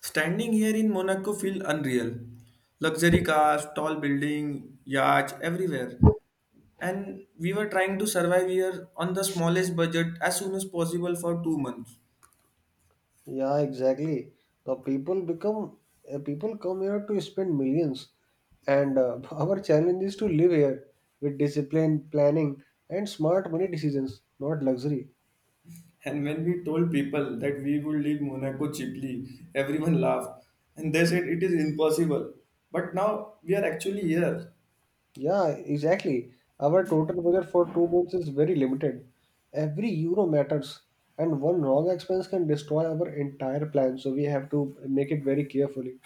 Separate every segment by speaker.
Speaker 1: Standing here in Monaco feel unreal. Luxury cars, tall building, yachts everywhere. And we were trying to survive here on the smallest budget as soon as possible for 2 months.
Speaker 2: Yeah, exactly. The people become People come here to spend millions, and our challenge is to live here with discipline, planning, and smart money decisions, not luxury.
Speaker 1: And when we told people that we would leave Monaco cheaply, everyone laughed. And they said it is impossible. But now we are actually here.
Speaker 2: Yeah, exactly. Our total budget for 2 months is very limited. Every euro matters, and one wrong expense can destroy our entire plan. So we have to make it very carefully.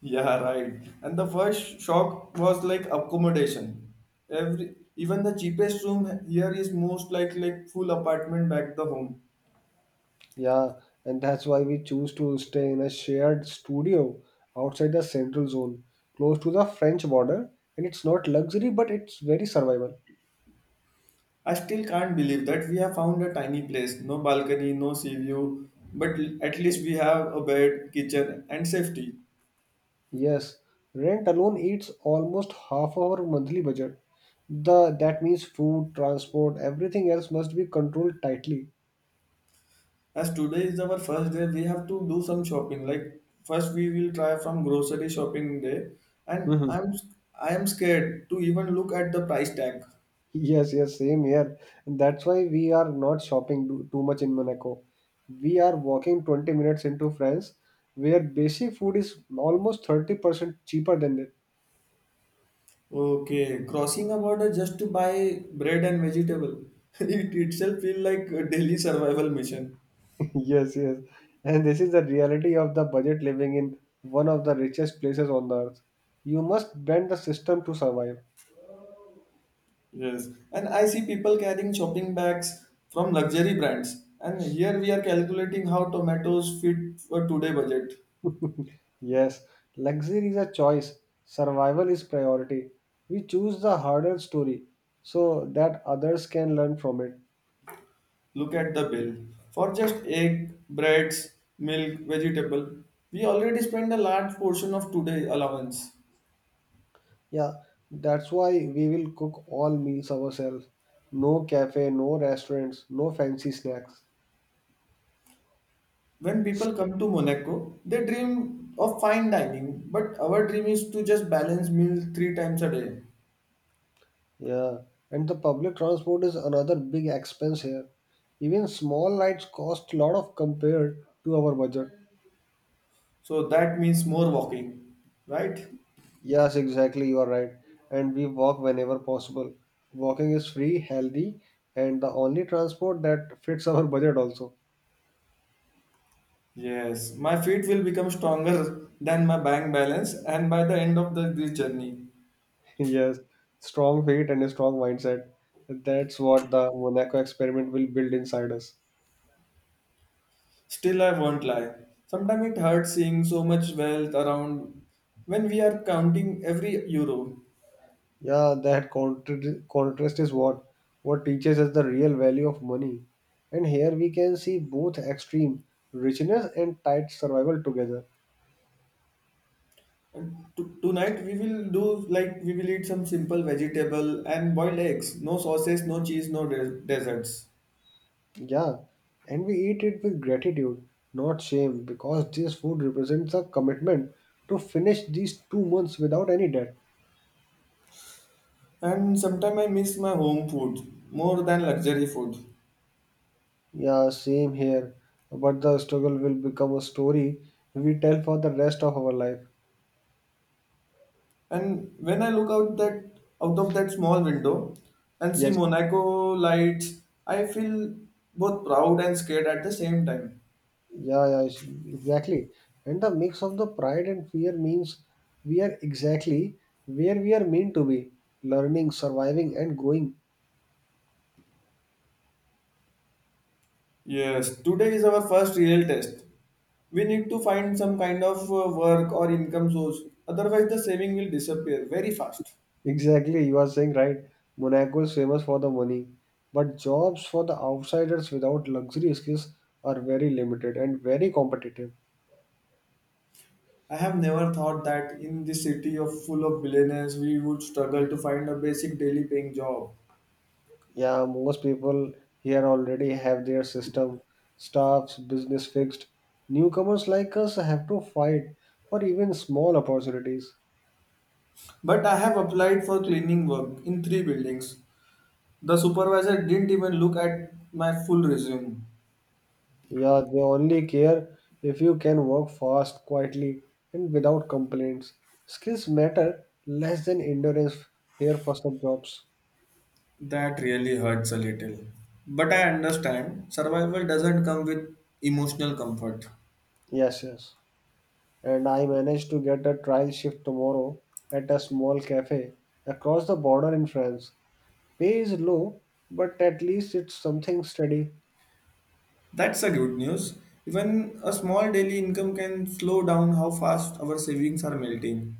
Speaker 1: Yeah, right. And the first shock was like accommodation. Every even the cheapest room here is most like full apartment back the home.
Speaker 2: Yeah, and that's why we choose to stay in a shared studio outside the central zone, close to the French border, and it's not luxury but it's very survival.
Speaker 1: I still can't believe that we have found a tiny place, no balcony, no sea view, but at least we have a bed, kitchen, and safety.
Speaker 2: Yes, rent alone eats almost half our monthly budget. The that means food, transport, everything else must be controlled tightly.
Speaker 1: As today is our first day, we have to do some shopping. Like first, we will try from grocery shopping day, and
Speaker 2: Mhm.
Speaker 1: I am scared to even look at the price tag.
Speaker 2: Yes, yes, same here. And that's why we are not shopping too much in Monaco. We are walking 20 minutes into France, where basic food is almost 30% cheaper than it.
Speaker 1: Okay, crossing a border just to buy bread and vegetable. It itself feel like a daily survival mission.
Speaker 2: Yes, yes. And this is the reality of the budget living in one of the richest places on the earth. You must bend the system to survive.
Speaker 1: Yes. And I see people carrying shopping bags from luxury brands. And here we are calculating how tomatoes fit for today budget.
Speaker 2: Yes, luxury is a choice, survival is priority. We choose the harder story so that others can learn from it.
Speaker 1: Look at the bill. For just egg, breads, milk, vegetable, we already spend a large portion of today allowance.
Speaker 2: Yeah, that's why we will cook all meals ourselves. No cafe, no restaurants, no fancy snacks.
Speaker 1: When people come to Monaco, they dream of fine dining, but our dream is to just balance meal three times a day.
Speaker 2: Yeah, and the public transport is another big expense here. Even small rides cost a lot of compared to our budget.
Speaker 1: So that means more walking, right?
Speaker 2: Yes, exactly, you are right. And we walk whenever possible. Walking is free, healthy, and the only transport that fits our budget also.
Speaker 1: Yes, my feet will become stronger than my bank balance, and by the end of this journey,
Speaker 2: Yes, strong faith and a strong mindset. That's what the Monaco experiment will build inside us.
Speaker 1: still I won't lie. Sometimes it hurts seeing so much wealth around when we are counting every euro.
Speaker 2: Yeah, that contrast is what teaches us the real value of money. And here we can see both extreme richness and tight survival together.
Speaker 1: And to tonight we will do like we will eat some simple vegetable and boiled eggs. No sausage, no cheese, no desserts.
Speaker 2: Yeah, and we eat it with gratitude, not shame, because this food represents a commitment to finish these 2 months without any debt.
Speaker 1: And sometimes I miss my home food more than luxury food.
Speaker 2: Yeah, same here. But the struggle will become a story we tell for the rest of our life.
Speaker 1: And when I look out of that small window and see
Speaker 2: Yes.
Speaker 1: Monaco lights, I feel both proud and scared at the same time.
Speaker 2: Yeah, yeah, exactly. And the mix of the pride and fear means we are exactly where we are meant to be, learning, surviving, and growing.
Speaker 1: Yes, today is our first real test. We need to find some kind of work or income source. Otherwise, the saving will disappear very fast.
Speaker 2: Exactly, you are saying right. Monaco is famous for the money, but jobs for the outsiders without luxury skills are very limited and very competitive.
Speaker 1: I have never thought that in this city of full of billionaires, we would struggle to find a basic daily paying job.
Speaker 2: Yeah, most people here already have their system, staffs, business fixed. Newcomers like us have to fight for even small opportunities.
Speaker 1: But I have applied for cleaning work in three buildings. The supervisor didn't even look at my full resume.
Speaker 2: Yeah, they only care if you can work fast, quietly, and without complaints. Skills matter less than endurance here for some jobs.
Speaker 1: That really hurts a little. But I understand survival doesn't come with emotional comfort.
Speaker 2: Yes, yes. And I managed to get a trial shift tomorrow at a small cafe across the border in France. Pay is low, but at least it's something steady.
Speaker 1: That's a good news. Even a small daily income can slow down how fast our savings are melting.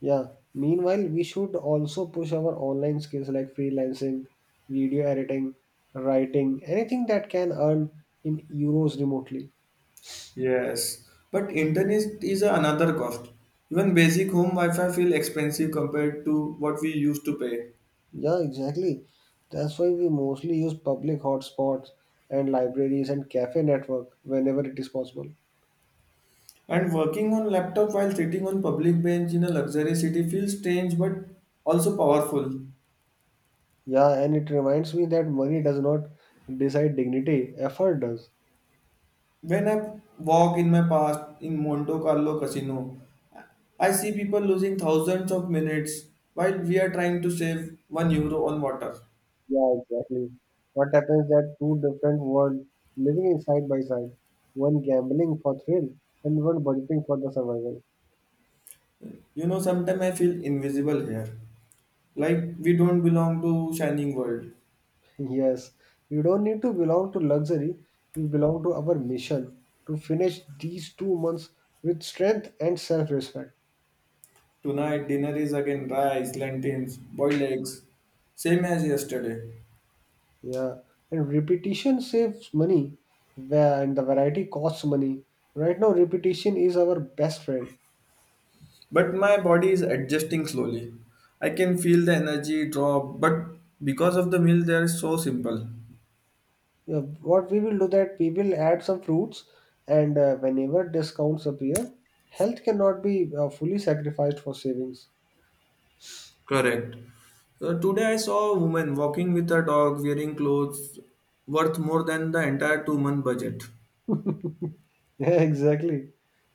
Speaker 2: Yeah. Meanwhile, we should also push our online skills like freelancing, video editing, writing, anything that can earn in euros remotely.
Speaker 1: Yes, but internet is another cost. Even basic home Wi-Fi feel expensive compared to what we used to pay.
Speaker 2: Yeah, exactly. That's why we mostly use public hotspots and libraries and cafe network whenever it is possible.
Speaker 1: And working on laptop while sitting on public bench in a luxury city feels strange but also powerful.
Speaker 2: Yeah, and it reminds me that money does not decide dignity, effort does.
Speaker 1: When I walk in my past in Monte Carlo casino, I see people losing thousands of minutes while we are trying to save €1 on water.
Speaker 2: Yeah, exactly. What happens that two different worlds living in side by side, one gambling for thrill and one budgeting for the survival.
Speaker 1: Sometimes I feel invisible here, like we don't belong to shining world.
Speaker 2: Yes, we don't need to belong to luxury, we belong to our mission to finish these 2 months with strength and self-respect.
Speaker 1: Tonight dinner is again rice, lentils, boiled eggs, same as yesterday.
Speaker 2: Yeah, and repetition saves money, and the variety costs money. Right now, repetition is our best friend.
Speaker 1: But my body is adjusting slowly. I can feel the energy drop, but because of the meal, they are so simple.
Speaker 2: Yeah, what we will do that we will add some fruits, and whenever discounts appear, health cannot be fully sacrificed for savings.
Speaker 1: Correct. Today I saw a woman walking with her dog wearing clothes worth more than the entire 2 month budget.
Speaker 2: Yeah, exactly.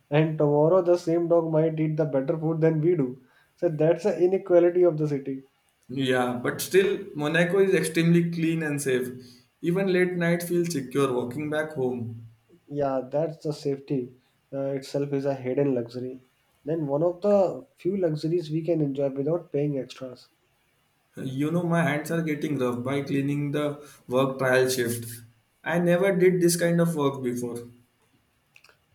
Speaker 2: And tomorrow, the same dog might eat the better food than we do. So that's the inequality of the city.
Speaker 1: Yeah, but still, Monaco is extremely clean and safe. Even late night feels secure walking back home.
Speaker 2: Yeah, that's the safety itself is a hidden luxury. Then one of the few luxuries we can enjoy without paying extras.
Speaker 1: My hands are getting rough by cleaning the work trial shift. I never did this kind of work before.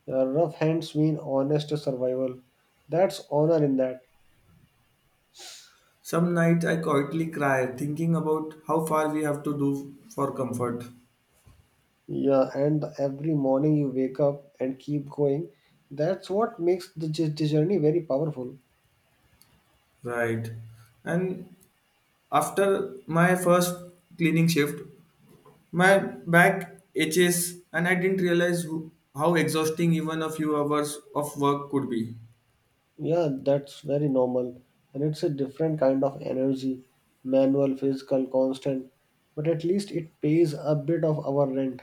Speaker 2: Rough hands mean honest survival. That's honor in that.
Speaker 1: Some nights I quietly cry thinking about how far we have to do for comfort.
Speaker 2: Yeah, and every morning you wake up and keep going. That's what makes the journey very powerful.
Speaker 1: Right. And after my first cleaning shift, my back itches and I didn't realize how exhausting even a few hours of work could be.
Speaker 2: Yeah, that's very normal. And it's a different kind of energy manual, physical, constant. But at least it pays a bit of our rent.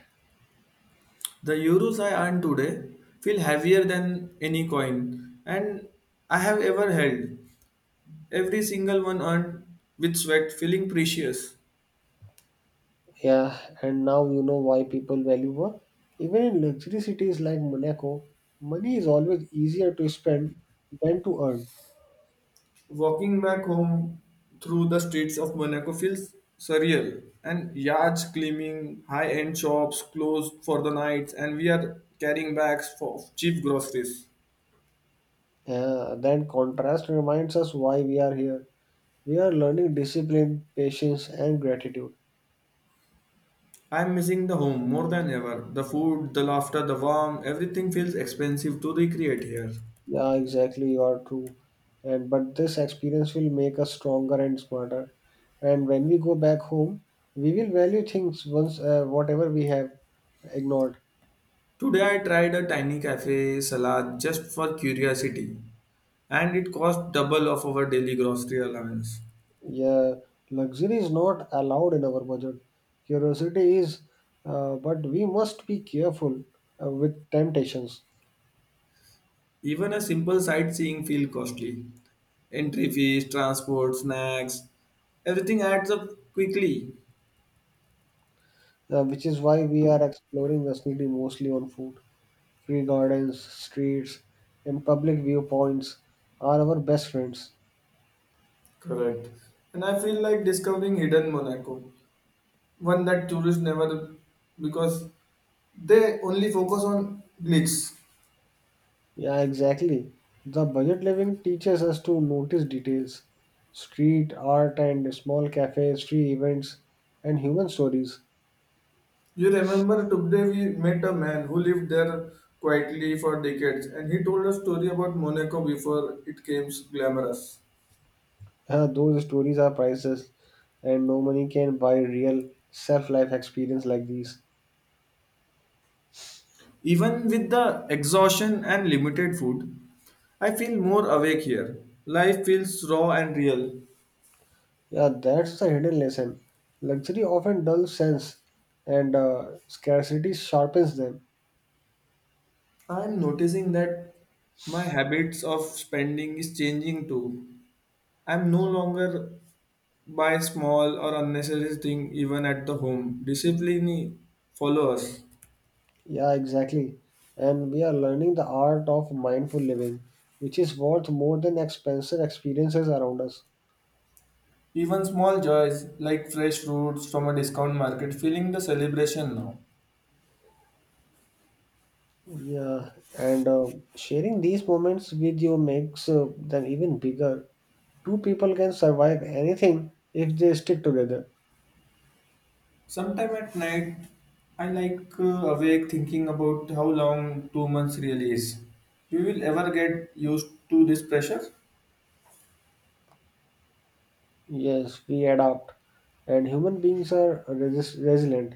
Speaker 1: The euros I earn today feel heavier than any coin and I have ever held. Every single one earned with sweat, feeling precious.
Speaker 2: Yeah, and now you know why people value work. Even in luxury cities like Monaco, money is always easier to spend than to earn.
Speaker 1: Walking back home through the streets of Monaco feels surreal. And yards gleaming, high end shops closed for the night, and we are carrying bags for of cheap groceries.
Speaker 2: Then contrast reminds us why we are here. We are learning discipline, patience, and gratitude.
Speaker 1: I'm missing the home more than ever. The food, the laughter, the warmth, everything feels expensive to recreate here.
Speaker 2: Yeah, exactly, you are true. And but this experience will make us stronger and smarter. And when we go back home, we will value things once whatever we have ignored.
Speaker 1: Today I tried a tiny cafe salad just for curiosity, and it cost double of our daily grocery allowance.
Speaker 2: Yeah, luxury is not allowed in our budget. Curiosity is, but we must be careful with temptations,
Speaker 1: Even a simple sightseeing feels costly. Entry fees, transport, snacks, everything adds up quickly.
Speaker 2: which is why we are exploring the city mostly on foot. Free gardens, streets, and public viewpoints are our best friends.
Speaker 1: Correct. And I feel like discovering hidden Monaco, one that tourists never because they only focus on glitz.
Speaker 2: Yeah, exactly. The budget living teaches us to notice details, street art, and small cafes, free events, and human stories.
Speaker 1: You remember today we met a man who lived there quietly for decades and he told a story about Monaco before it came glamorous.
Speaker 2: Those stories are priceless, and no money can buy real self life experience like these.
Speaker 1: Even with the exhaustion and limited food, I feel more awake here. Life feels raw and real.
Speaker 2: Yeah, that's the hidden lesson. Luxury often dulls sense, and scarcity sharpens them.
Speaker 1: I'm noticing that my habits of spending is changing too. I'm no longer buy small or unnecessary thing even at the home. Discipline follows.
Speaker 2: Yeah, exactly. And we are learning the art of mindful living, which is worth more than expensive experiences around us.
Speaker 1: Even small joys like fresh fruits from a discount market feeling the celebration now.
Speaker 2: Yeah, and sharing these moments with you makes them even bigger. Two people can survive anything if they stick together.
Speaker 1: Sometime at night, I like awake thinking about how long 2 months really is. We will ever get used to this pressure.
Speaker 2: Yes, we adapt, and human beings are resilient.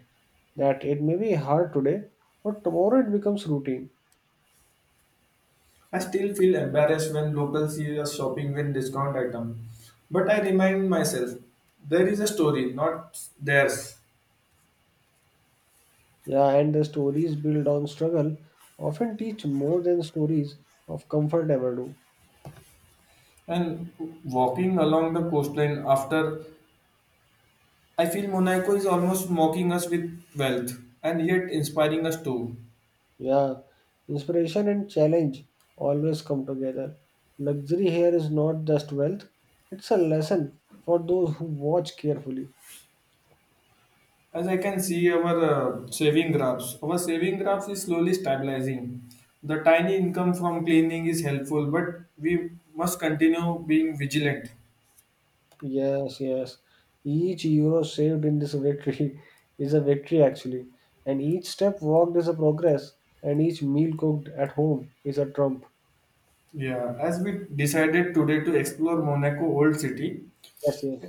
Speaker 2: That it may be hard today, but tomorrow it becomes routine.
Speaker 1: I still feel embarrassed when locals see us shopping with discount item, but I remind myself there is a story, not theirs.
Speaker 2: Yeah, and the stories built on struggle often teach more than stories of comfort ever do.
Speaker 1: And walking along the coastline after, I feel Monaco is almost mocking us with wealth and yet inspiring us too.
Speaker 2: Yeah, inspiration and challenge always come together. Luxury here is not just wealth, it's a lesson for those who watch carefully.
Speaker 1: As I can see our saving graphs is slowly stabilizing. The tiny income from cleaning is helpful, but we must continue being vigilant.
Speaker 2: Yes, yes. Each euro saved in this victory is a victory actually, and each step walked is a progress, and each meal cooked at home is a trump.
Speaker 1: Yeah, as we decided today to explore Monaco Old City,
Speaker 2: Yes, yes.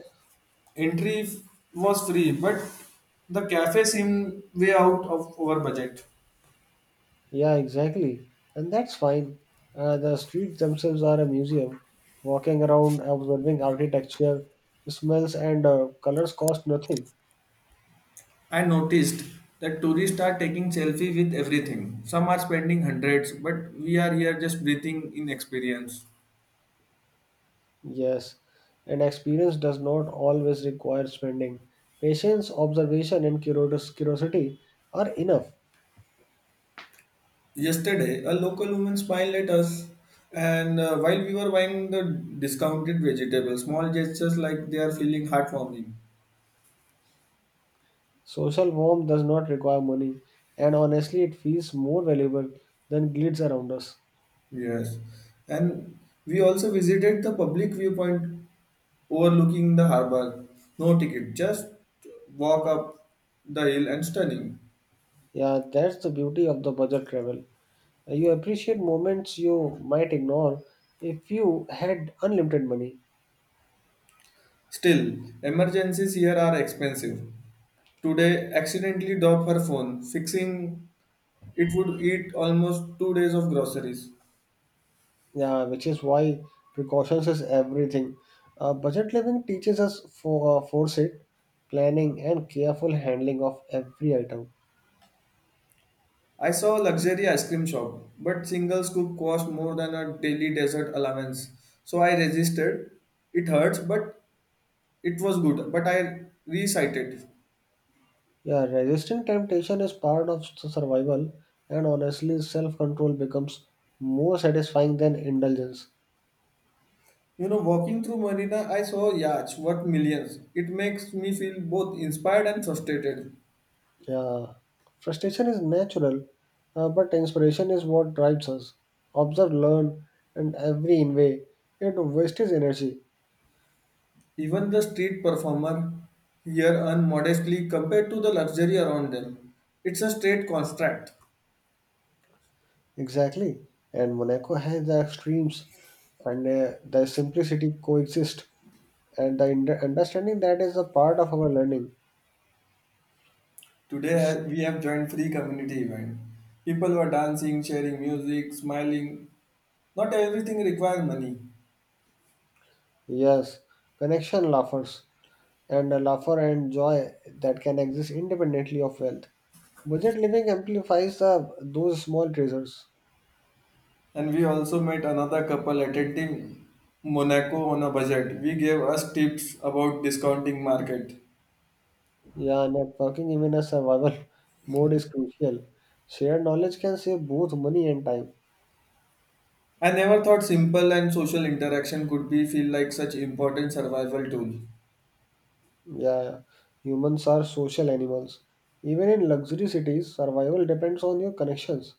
Speaker 1: entry was free, but the cafe seemed way out of our budget.
Speaker 2: Yeah, exactly. And that's fine. The streets themselves are a museum. Walking around, observing architecture, smells, and colors cost nothing.
Speaker 1: I noticed that tourists are taking selfie with everything. Some are spending hundreds, but we are here just breathing in experience.
Speaker 2: Yes. And experience does not always require spending. Patience, observation, and curiosity are enough.
Speaker 1: Yesterday, a local woman smiled at us, and while we were buying the discounted vegetables, small gestures like they are feeling heartwarming.
Speaker 2: Social warmth does not require money, and honestly, it feels more valuable than glitz around us.
Speaker 1: Yes, and we also visited the public viewpoint overlooking the harbor. No ticket, just walk up the hill and stunning.
Speaker 2: Yeah, that's the beauty of the budget travel. You appreciate moments you might ignore if you had unlimited money.
Speaker 1: Still, emergencies here are expensive. Today, accidentally dropped her phone, fixing it would eat almost 2 days of groceries.
Speaker 2: Yeah, which is why precautions is everything. Budget living teaches us for foresight, planning, and careful handling of every item.
Speaker 1: I saw a luxury ice cream shop, but single scoop cost more than a daily dessert allowance. So I resisted. It hurts, but it was good. But I recited.
Speaker 2: Yeah, resisting temptation is part of survival, and honestly, self control becomes more satisfying than indulgence.
Speaker 1: Walking through Marina, I saw yachts worth millions. It makes me feel both inspired and frustrated.
Speaker 2: Yeah, frustration is natural, but inspiration is what drives us. Observe, learn, and every in way, it wastes energy.
Speaker 1: Even the street performer here earn modestly compared to the luxury around them. It's a straight contract.
Speaker 2: Exactly. And Monaco has the extremes, and the simplicity coexist, and the understanding that is a part of our learning.
Speaker 1: Today we have joined free community event. People were dancing, sharing music, smiling. Not everything requires money.
Speaker 2: Yes, connection laughers. And a laughter and joy that can exist independently of wealth. Budget living amplifies those small treasures.
Speaker 1: And we also met another couple attending Monaco on a budget. We gave us tips about discounting market.
Speaker 2: Yeah, networking, even a survival mode, is crucial. Shared knowledge can save both money and time.
Speaker 1: I never thought simple and social interaction could be feel like such important survival tool.
Speaker 2: Yeah, humans are social animals. Even in luxury cities, survival depends on your connections.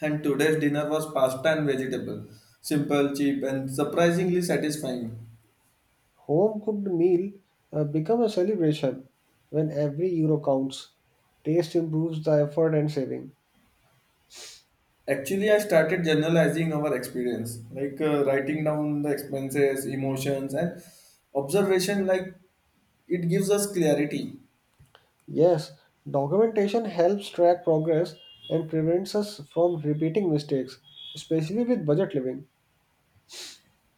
Speaker 1: And today's dinner was pasta and vegetable. Simple, cheap and surprisingly satisfying.
Speaker 2: Home cooked meal become a celebration when every euro counts. Taste improves the effort and saving.
Speaker 1: Actually, I started generalizing our experience, like writing down the expenses, emotions, and observation. Like it gives us clarity.
Speaker 2: Yes, documentation helps track progress and prevents us from repeating mistakes, especially with budget living.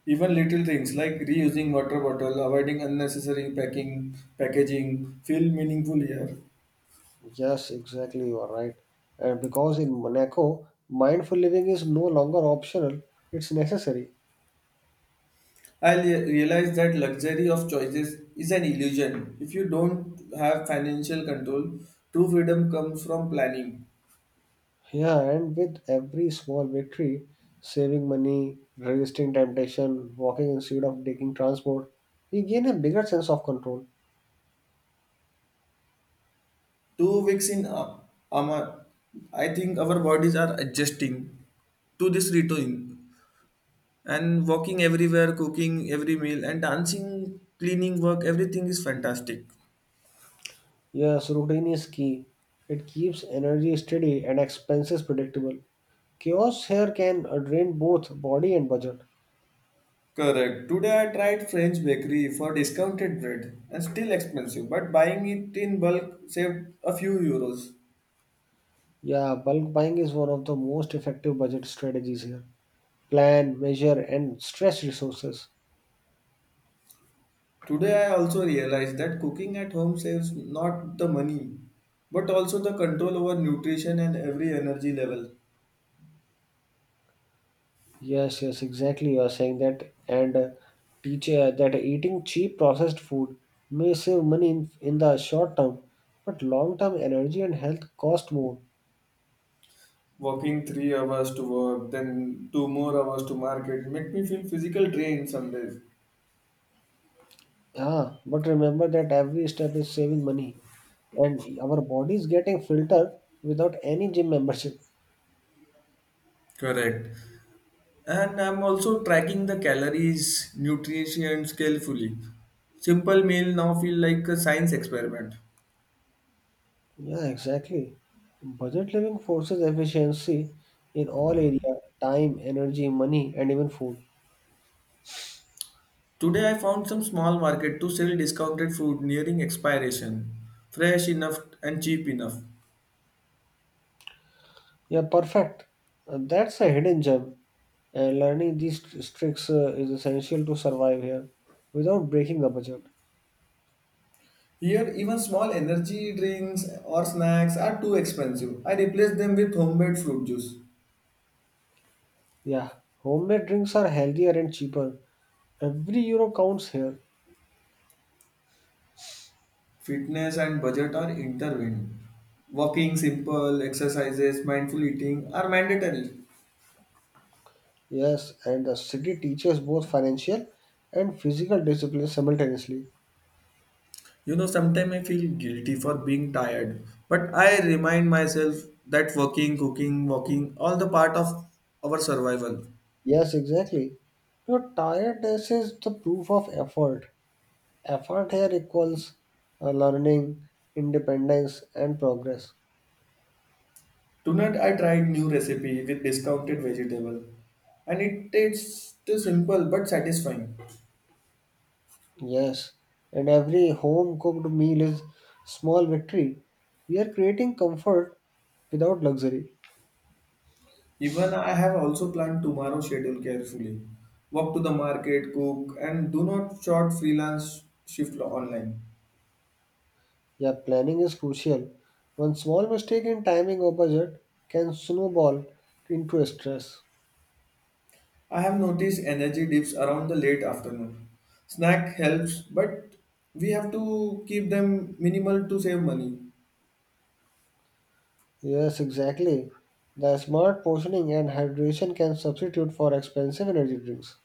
Speaker 1: Even little things like reusing water bottle, avoiding unnecessary packing, packaging feel meaningful here.
Speaker 2: Yes, exactly, you are right. And because in Monaco, mindful living is no longer optional, it's necessary.
Speaker 1: I realized that luxury of choices is an illusion. If you don't have financial control, true freedom comes from planning.
Speaker 2: Yeah, and with every small victory, saving money, resisting temptation, walking instead of taking transport, we gain a bigger sense of control.
Speaker 1: 2 weeks in Amar, I think our bodies are adjusting to this routine and walking everywhere, cooking every meal, and dancing, cleaning work, everything is fantastic.
Speaker 2: Yes, routine is key. It keeps energy steady and expenses predictable. Chaos here can drain both body and budget.
Speaker 1: Correct. Today I tried French bakery for discounted bread and still expensive, but buying it in bulk saved a few euros.
Speaker 2: Yeah, bulk buying is one of the most effective budget strategies here. Plan, measure, and stress resources.
Speaker 1: Today I also realized that cooking at home saves not the money, but also the control over nutrition and every energy level.
Speaker 2: Yes, yes, exactly. You are saying that, and teach that eating cheap processed food may save money in the short term, but long term energy and health cost more.
Speaker 1: Working 3 hours to work, then 2 more hours to market, make me feel physical drain some days.
Speaker 2: Yeah, but remember that every step is saving money, and our body is getting filtered without any gym membership.
Speaker 1: Correct. And I'm also tracking the calories, nutrition carefully. Simple meal now feel like a science experiment.
Speaker 2: Yeah, exactly. Budget living forces efficiency in all area, time, energy, money, and even food.
Speaker 1: Today I found some small market to sell discounted food nearing expiration, fresh enough and cheap enough.
Speaker 2: Yeah, perfect. That's a hidden gem. And learning these tricks is essential to survive here without breaking the budget.
Speaker 1: Here, even small energy drinks or snacks are too expensive. I replace them with homemade fruit juice.
Speaker 2: Yeah, homemade drinks are healthier and cheaper. Every euro counts here.
Speaker 1: Fitness and budget are intertwined. Walking, simple exercises, mindful eating are mandatory.
Speaker 2: Yes, and the city teaches both financial and physical discipline simultaneously.
Speaker 1: Sometimes I feel guilty for being tired, but I remind myself that working, cooking, walking, all the part of our survival.
Speaker 2: Yes, exactly. Your tiredness is the proof of effort. Effort here equals learning, independence, and progress.
Speaker 1: Tonight I tried new recipe with discounted vegetable, and it tastes too simple but satisfying.
Speaker 2: Yes, and every home cooked meal is small victory. We are creating comfort without luxury.
Speaker 1: Even I have also planned tomorrow schedule carefully. Walk to the market, cook, and do not short freelance shift online.
Speaker 2: Yeah, planning is crucial. One small mistake in timing or budget can snowball into stress.
Speaker 1: I have noticed energy dips around the late afternoon. Snack helps, but we have to keep them minimal to save money.
Speaker 2: Yes, exactly. The smart portioning and hydration can substitute for expensive energy drinks.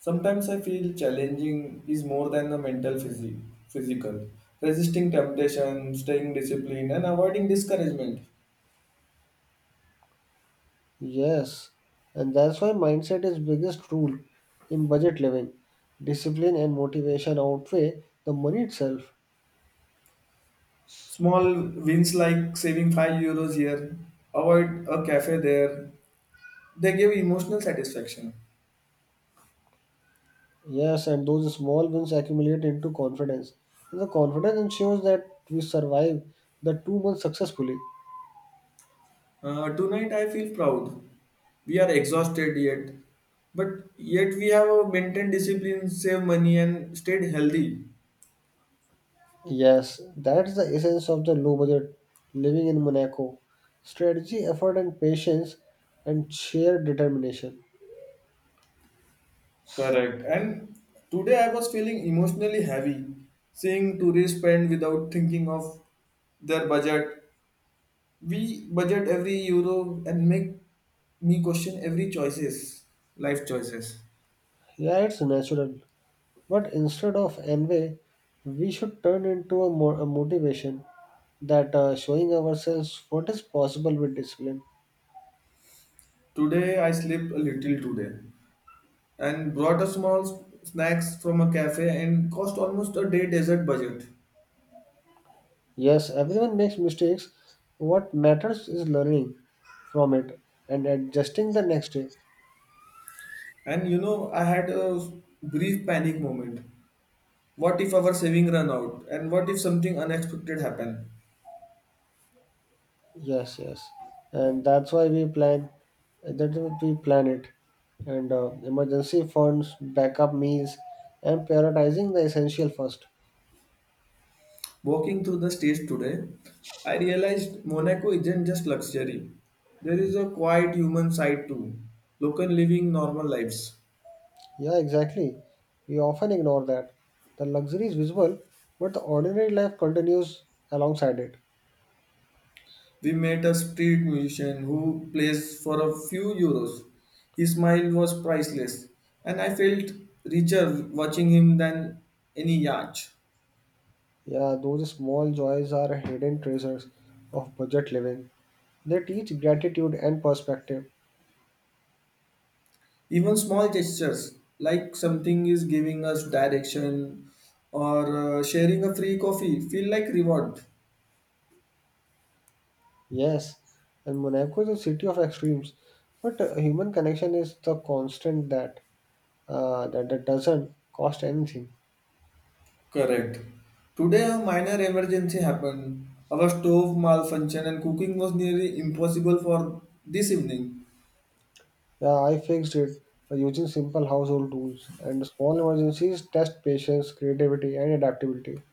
Speaker 1: Sometimes I feel challenging is more than the mental physical. Resisting temptation, staying disciplined, and avoiding discouragement.
Speaker 2: Yes, and that's why mindset is biggest rule in budget living. Discipline and motivation outweigh the money itself.
Speaker 1: Small wins like saving €5 here, avoid a cafe there, they give emotional satisfaction.
Speaker 2: Yes, and those small wins accumulate into confidence. And the confidence ensures that we survive the 2 months successfully.
Speaker 1: Tonight I feel proud. We are exhausted yet, but yet we have maintained discipline, saved money, and stayed healthy.
Speaker 2: Yes, that's the essence of the low budget living in Monaco. Strategy, effort and patience and sheer determination.
Speaker 1: Correct. And today I was feeling emotionally heavy, seeing tourists spend without thinking of their budget. We budget every euro and make me question every choices, life choices.
Speaker 2: Yeah, it's natural. But instead of envy, we should turn into a motivation that showing ourselves what is possible with discipline.
Speaker 1: Today I slept a little today, and brought a small snacks from a cafe and cost almost a day desert budget.
Speaker 2: Yes, everyone makes mistakes. What matters is learning from it and adjusting the next day.
Speaker 1: And I had a brief panic moment. What if our saving run out? And what if something unexpected happen?
Speaker 2: Yes, yes, and that's why we plan. That we plan it, and emergency funds, backup meals, and prioritizing the essential first.
Speaker 1: Walking through the stage today, I realized Monaco isn't just luxury. There is a quiet human side too. Local living normal lives.
Speaker 2: Yeah, exactly. We often ignore that. The luxury is visible, but the ordinary life continues alongside it.
Speaker 1: We met a street musician who plays for a few euros. His smile was priceless, and I felt richer watching him than any yacht.
Speaker 2: Yeah, those small joys are hidden treasures of budget living. They teach gratitude and perspective.
Speaker 1: Even small gestures, like something is giving us direction or sharing a free coffee, feel like reward.
Speaker 2: Yes, and Monaco is a city of extremes, but human connection is the constant that doesn't cost anything.
Speaker 1: Correct. Today, a minor emergency happened. Our stove malfunctioned, and cooking was nearly impossible for this evening.
Speaker 2: Yeah, I fixed it by using simple household tools, and small emergencies test patience, creativity, and adaptability.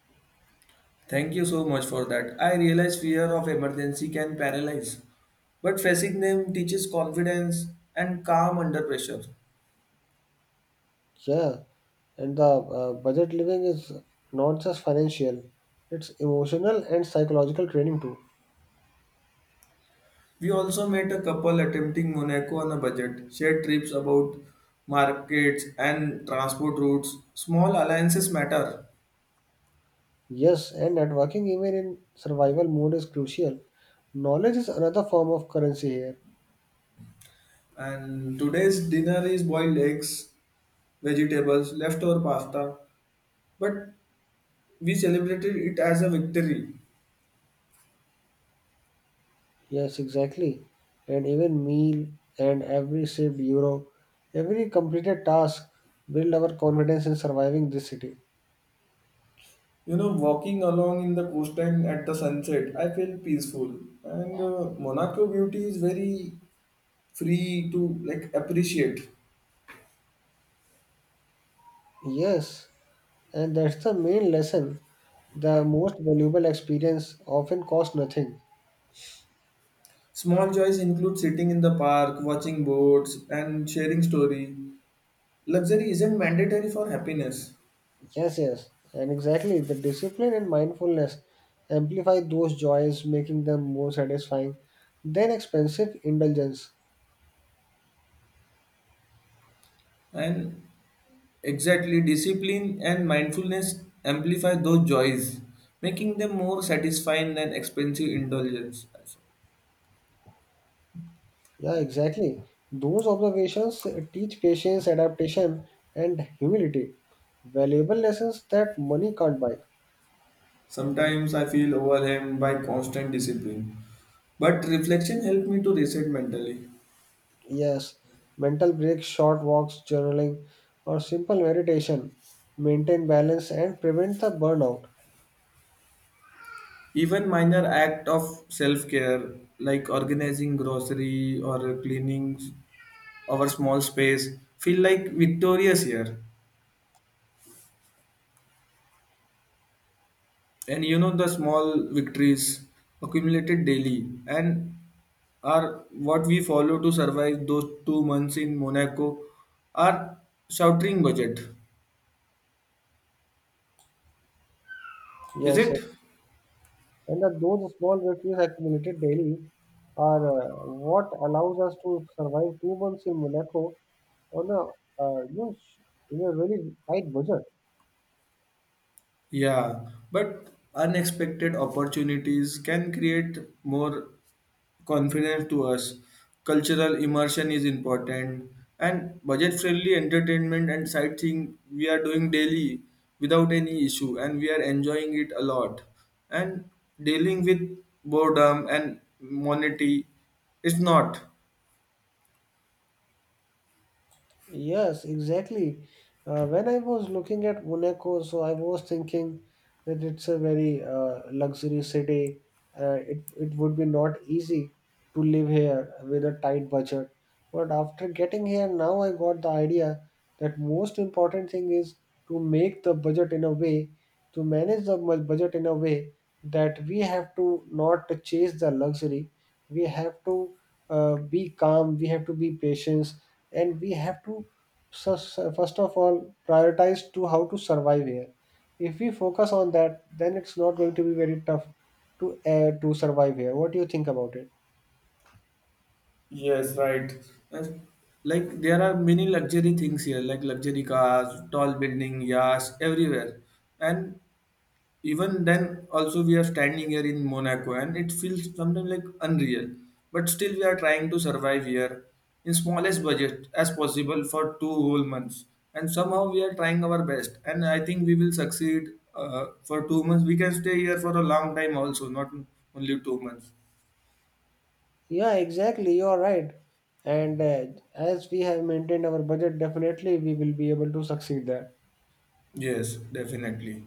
Speaker 1: Thank you so much for that. I realize fear of emergency can paralyze, but facing them teaches confidence and calm under pressure.
Speaker 2: Yeah, and the budget living is not just financial, it's emotional and psychological training too.
Speaker 1: We also met a couple attempting Monaco on a budget, shared trips about markets and transport routes. Small alliances matter.
Speaker 2: Yes, and networking even in survival mode is crucial. Knowledge is another form of currency here.
Speaker 1: And today's dinner is boiled eggs, vegetables, leftover pasta, but we celebrated it as a victory.
Speaker 2: Yes, exactly. And even meal and every saved euro, every completed task build our confidence in surviving this city.
Speaker 1: Walking along in the coastline at the sunset, I feel peaceful. And Monaco beauty is very free to like appreciate.
Speaker 2: Yes, and that's the main lesson. The most valuable experience often costs nothing.
Speaker 1: Small joys include sitting in the park, watching boats, and sharing story. Luxury isn't mandatory for happiness.
Speaker 2: Yes, yes, and exactly. The discipline and mindfulness amplify those joys, making them more satisfying than expensive indulgence.
Speaker 1: And exactly, discipline and mindfulness amplify those joys, making them more satisfying than expensive indulgence.
Speaker 2: Yeah, exactly. Those observations teach patience, adaptation, and humility, valuable lessons that money can't buy.
Speaker 1: Sometimes I feel overwhelmed by constant discipline, but reflection helped me to reset mentally.
Speaker 2: Yes, mental breaks, short walks, journaling, or simple meditation maintain balance and prevent the burnout.
Speaker 1: Even minor act of self-care like organizing grocery or cleaning our small space feel like victorious here. And you know the small victories accumulated daily and are what we follow to survive those 2 months in Monaco are sheltering budget. Is
Speaker 2: Yes,
Speaker 1: it?
Speaker 2: yes. And that those small victories accumulated daily are what allows us to survive 2 months in Monaco on a uh, you know, sh- in a really tight budget.
Speaker 1: Yeah, but unexpected opportunities can create more confidence to us. Cultural immersion is important, and budget friendly entertainment and sightseeing we are doing daily without any issue, and we are enjoying it a lot. And dealing with boredom and monotony is not.
Speaker 2: Yes, exactly. When I was looking at Monaco, so I was thinking that it's a very luxury city. It would be not easy to live here with a tight budget. But after getting here, now I got the idea that most important thing is to make the budget in a way to manage the budget in a way that we have to not chase the luxury. We have to be calm. We have to be patient and we have to first of all prioritize to how to survive here. If we focus on that then it's not going to be very tough to survive here. What do you think about it?
Speaker 1: Yes, right. Yes. Like there are many luxury things here, like luxury cars, tall building, yachts, everywhere. And even then also we are standing here in Monaco, and it feels sometimes like unreal, but still we are trying to survive here in smallest budget as possible for 2 whole months, and somehow we are trying our best, and I think we will succeed. For 2 months we can stay here for a long time also, not only 2 months.
Speaker 2: Yeah, exactly, you are right. And as we have maintained our budget definitely we will be able to succeed there.
Speaker 1: Yes, definitely.